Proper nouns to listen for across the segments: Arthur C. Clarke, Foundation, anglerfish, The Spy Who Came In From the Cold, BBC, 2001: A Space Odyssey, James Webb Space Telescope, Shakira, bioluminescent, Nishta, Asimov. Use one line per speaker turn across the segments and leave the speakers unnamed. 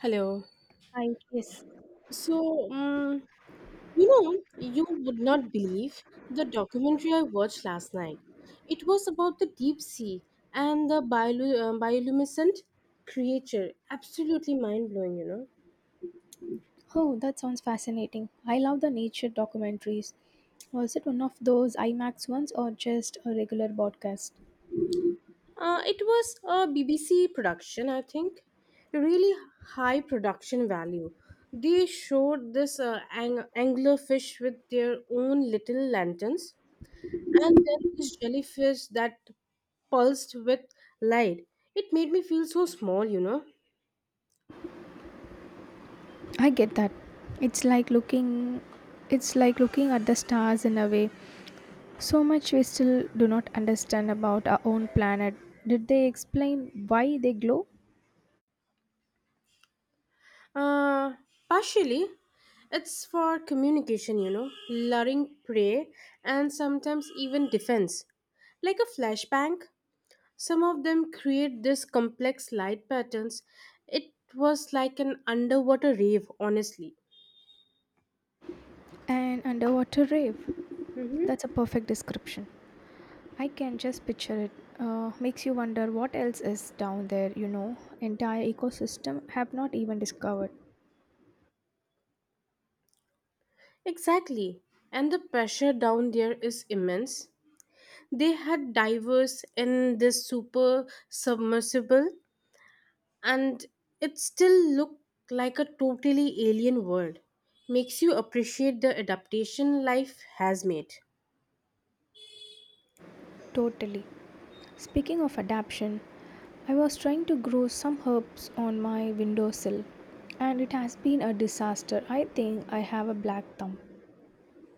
Hello.
Hi, yes.
So, um, you would not believe the documentary I watched last night. It was about the deep sea and the bioluminescent creature. Absolutely mind blowing. You know.
Oh, that sounds fascinating. I love the nature documentaries. Was it one of those IMAX ones or just a regular broadcast?
It was a BBC production, I think. Really high production value. They showed this anglerfish with their own little lanterns, and then this jellyfish that pulsed with light. It made me feel so small.
I get that. It's like looking it's like looking at the stars in a way. So much we still do not understand about our own planet. Did they explain why they glow?
Uh, Partially, it's for communication, you know, luring prey, and sometimes even defense. Like a flashbang, some of them create this complex light patterns. It was like an underwater rave, honestly.
An underwater rave.
Mm-hmm.
That's a perfect description. I can just picture it. Makes you wonder what else is down there. Entire ecosystem have not even discovered.
Exactly. And the pressure down there is immense. They had divers in this super submersible and it still look like a totally alien world. Makes you appreciate the adaptation life has made.
Totally. Speaking of adaption, I was trying to grow some herbs on my windowsill and it has been a disaster. I think I have a black thumb.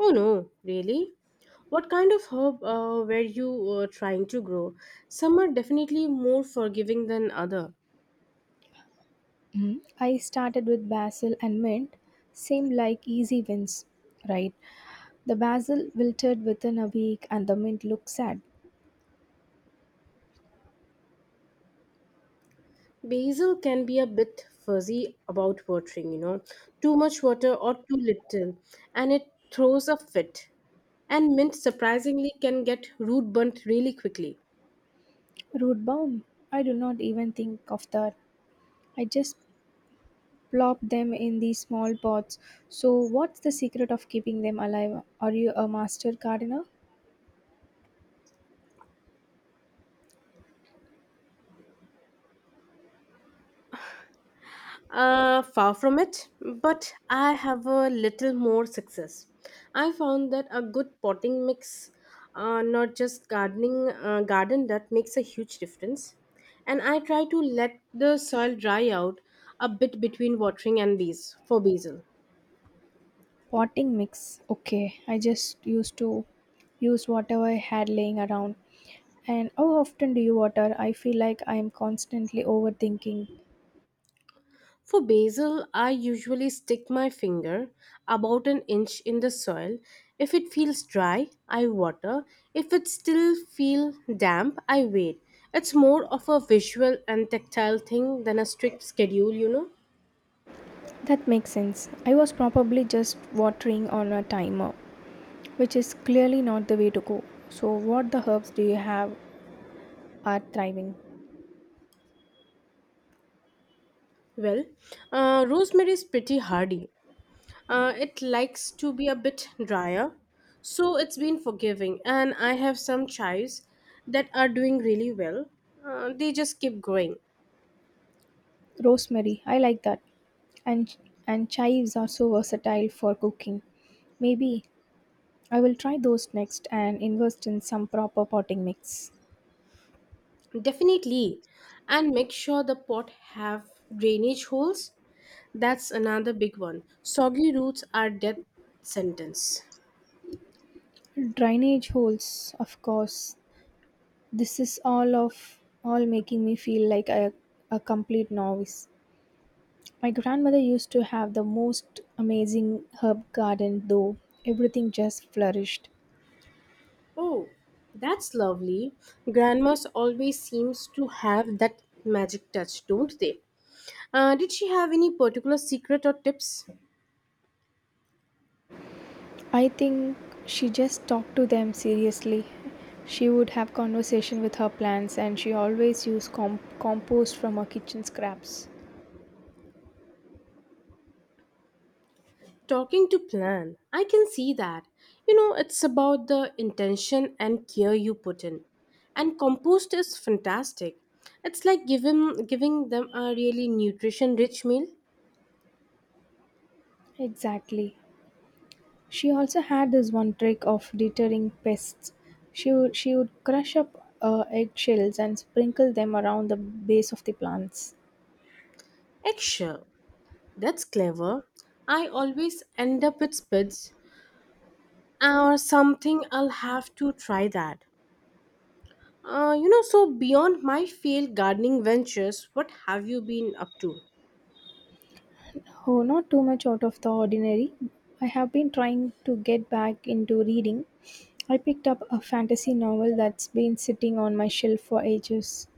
Oh no, really? What kind of herb were you trying to grow? Some are definitely more forgiving than other.
Mhm. I started with basil and mint, seemed like easy wins, right? The basil wilted within a week and the mint looked sad.
Basil can be a bit fuzzy about watering, you know. Too much water or too little, and it throws a fit. And mint surprisingly can get root burnt really quickly.
Root balm. I do not even think of that. I just plop them in these small pots. So, what's the secret of keeping them alive? Are you a master gardener?
Far from it, but I have a little more success. I found that a good potting mix, not just gardening, garden that makes a huge difference. And I try to let the soil dry out a bit between watering and bees for basil.
Potting mix. Okay, I just used to use whatever I had laying around. And how often do you water? I feel like I am constantly overthinking.
For basil, I usually stick my finger about an inch in the soil. If it feels dry, I water. If it still feels damp, I wait. It's more of a visual and tactile thing than a strict schedule, you know.
That makes sense. I was probably just watering on a timer, which is clearly not the way to go. So, what the herbs do you have are thriving?
Well, rosemary is pretty hardy. It likes to be a bit drier, so it's been forgiving. And I have some chives that are doing really well. They just keep growing.
Rosemary, I like that. And and chives are so versatile for cooking. Maybe I will try those next and invest in some proper potting mix.
Definitely. And make sure the pot have drainage holes. That's another big one. Soggy roots are death sentence.
Drainage holes, of course. This is all making me feel like a complete novice. My grandmother used to have the most amazing herb garden though. Everything just flourished.
Oh, that's lovely. Grandmas always seems to have that magic touch, don't they? Did she have any particular secret or tips?
I think she just talked to them seriously. She would have conversation with her plants and she always used compost from her kitchen scraps.
Talking to plan, I can see that. You know, it's about the intention and care you put in. And compost is fantastic. It's like giving them a really nutrition rich meal.
Exactly. She also had this one trick of deterring pests. She would crush up eggshells and sprinkle them around the base of the plants.
Eggshell. That's clever. I always end up with spits or something I'll have to try that. So beyond my failed gardening ventures, what have you been up to?
Oh, not too much out of the ordinary. I have been trying to get back into reading. I picked up a fantasy novel that's been sitting on my shelf for ages.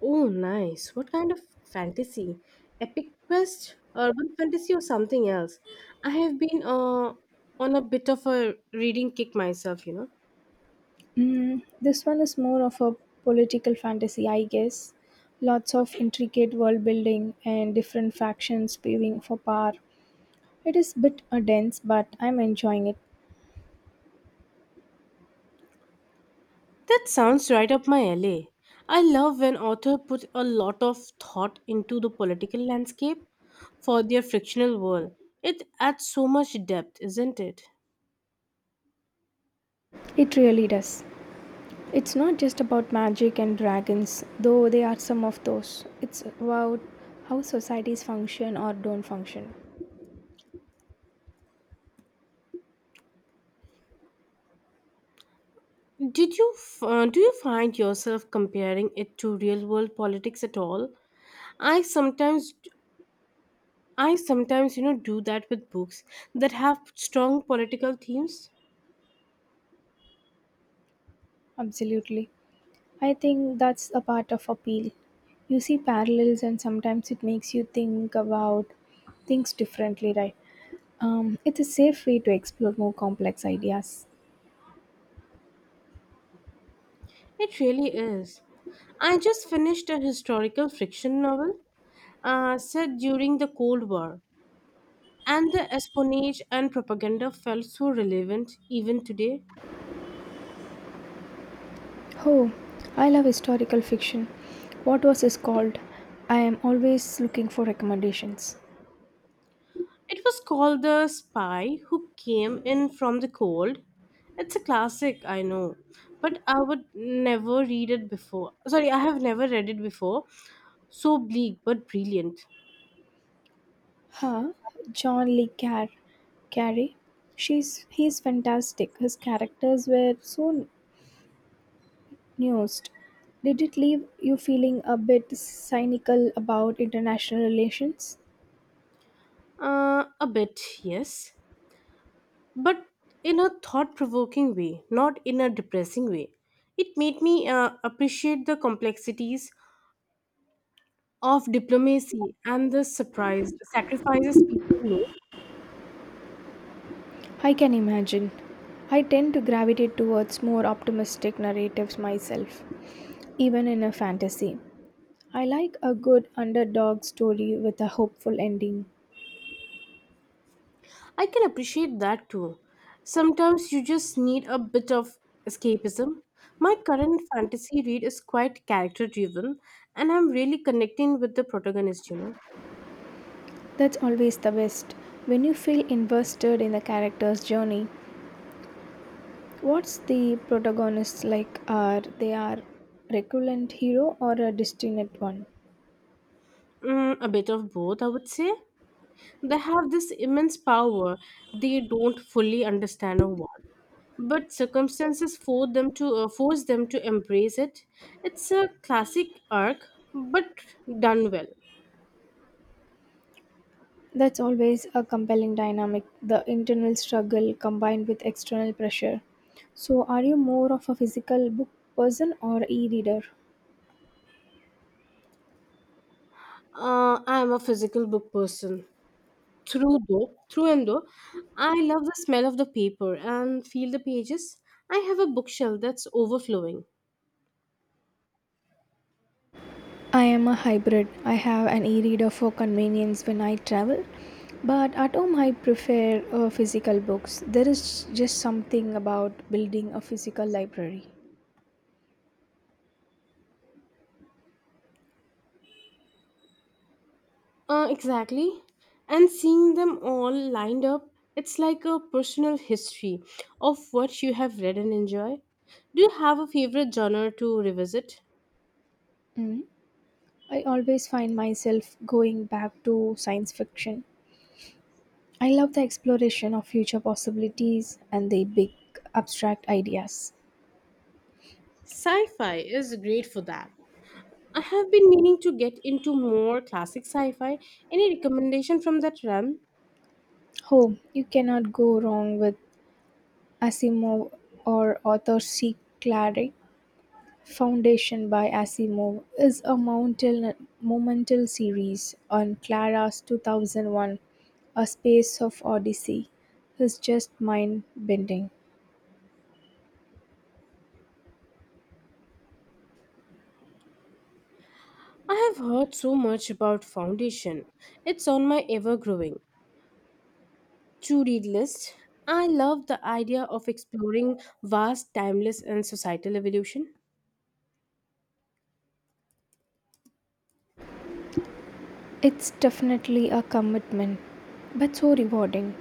Oh, nice. What kind of fantasy? Epic quest, urban fantasy, or something else? I have been on a bit of a reading kick myself, you know.
This one is more of a political fantasy, I guess. Lots of intricate world building and different factions paving for power. It is a bit dense, but I'm enjoying it.
That sounds right up my alley. I love when author put a lot of thought into the political landscape for their fictional world. It adds so much depth, isn't it?
It really does. It's not just about magic and dragons, though they are some of those. It's about how societies function or don't function.
Do you find yourself comparing it to real world politics at all? I sometimes I sometimes, you know, do that with books that have strong political themes.
Absolutely. I think that's a part of appeal. You see parallels, and sometimes it makes you think about things differently, right? It's a safe way to explore more complex ideas.
It really is. I just finished a historical fiction novel set during the Cold War, and the espionage and propaganda felt so relevant even today.
Oh, I love historical fiction. What was this called? I am always looking for recommendations.
It was called The Spy Who Came In From the Cold. It's a classic, I know, but I would never read it before. Sorry, I have never read it before. So bleak but brilliant.
Huh? John Lee Carey. She's he's fantastic. His characters were so nuanced. Did it leave you feeling a bit cynical about international relations?
A bit, yes, but in a thought provoking way, not in a depressing way. It made me appreciate the complexities of diplomacy and the surprise sacrifices people make.
I can imagine. I tend to gravitate towards more optimistic narratives myself, even in a fantasy. I like a good underdog story with a hopeful ending.
I can appreciate that too. Sometimes you just need a bit of escapism. My current fantasy read is quite character driven, and I'm really connecting with the protagonist, you know.
That's always the best. When you feel invested in the character's journey, what's the protagonist like? Are they are recurrent hero or a destined one?
Mm, a bit of both, I would say. They have this immense power they don't fully understand or want, but circumstances force them to embrace it. It's a classic arc, but done well.
That's always a compelling dynamic, the internal struggle combined with external pressure. So, are you more of a physical book person or e reader?
I am a physical book person through and though. I love the smell of the paper and feel the pages. I have a bookshelf that's overflowing.
I am a hybrid. I have an e reader for convenience when I travel, but at home I prefer physical books. There is just something about building a physical library.
Exactly. And seeing them all lined up, it's like a personal history of what you have read and enjoy. Do you have a favorite genre to revisit?
Mm. I always find myself going back to science fiction. I love the exploration of future possibilities and the big abstract ideas.
Sci fi is great for that. I have been meaning to get into more classic sci fi. Any recommendation from that realm?
Oh, you cannot go wrong with Asimov or author C. Clarke. Foundation by Asimov is a monumental, monumental series. On Clara's 2001 A Space of Odyssey is just mind bending.
I have heard so much about Foundation. It's on my ever growing to read list. I love the idea of exploring vast, timeless, and societal evolution.
It's definitely a commitment, but so rewarding.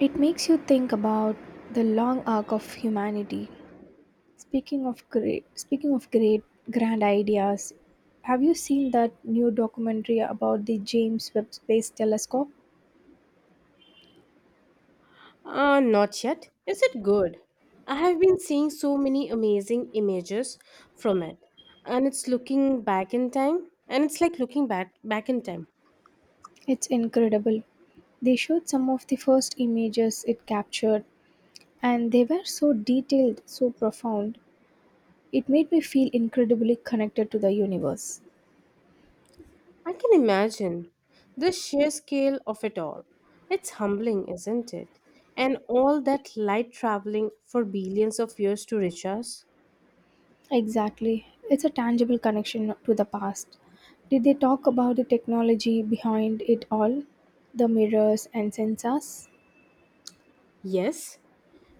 It makes you think about the long arc of humanity. Speaking of great grand ideas, have you seen that new documentary about the James Webb Space Telescope?
Not yet. Is it good? I have been seeing so many amazing images from it, and it's looking back in time, and it's like looking back in time.
It's incredible. They showed some of the first images it captured, and they were so detailed, so profound. It made me feel incredibly connected to the universe.
I can imagine the sheer scale of it all. It's humbling, isn't it? And all that light traveling for billions of years to reach us.
Exactly. It's a tangible connection to the past. Did they talk about the technology behind it all? The mirrors and sensors?
Yes,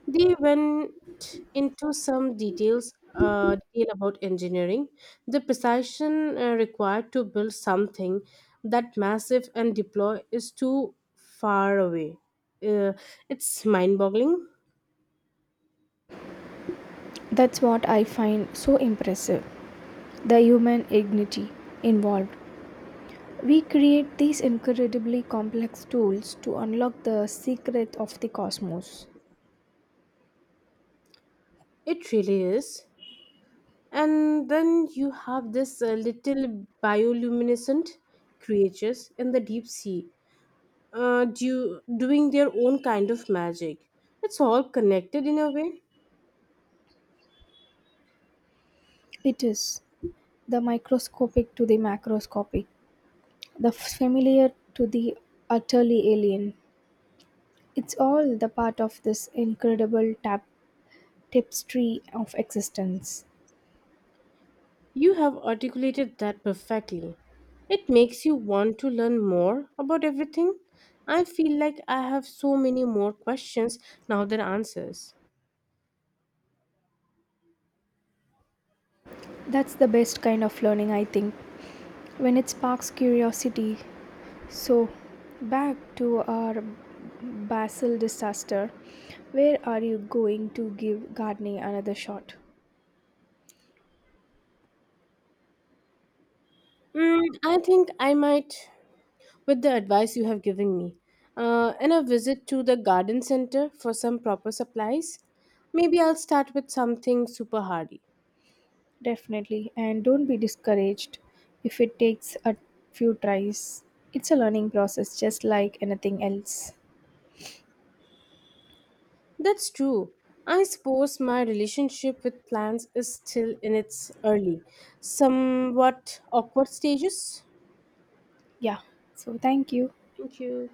they went into some detail about engineering, the precision required to build something that massive and deploy is too far away. Uh, it's mind-boggling.
That's what I find so impressive. The human dignity involved. We create these incredibly complex tools to unlock the secret of the cosmos.
It really is. And then you have this little bioluminescent creatures in the deep sea, doing their own kind of magic. It's all connected in a way.
It is the microscopic to the macroscopic, the familiar to the utterly alien. It's all the part of this incredible tapestry of existence.
You have articulated that perfectly. It makes you want to learn more about everything. I feel like I have so many more questions now than answers.
That's the best kind of learning, I think, when it sparks curiosity. So, back to our Basel disaster. Where are you going to give gardening another shot?
Mm, I think I might, with the advice you have given me, and a visit to the garden center for some proper supplies. Maybe I'll start with something super hardy.
Definitely, and don't be discouraged if it takes a few tries. It's a learning process just like anything else.
That's true. I suppose my relationship with plants is still in its early, somewhat awkward stages.
Yeah, so thank you.
Thank you.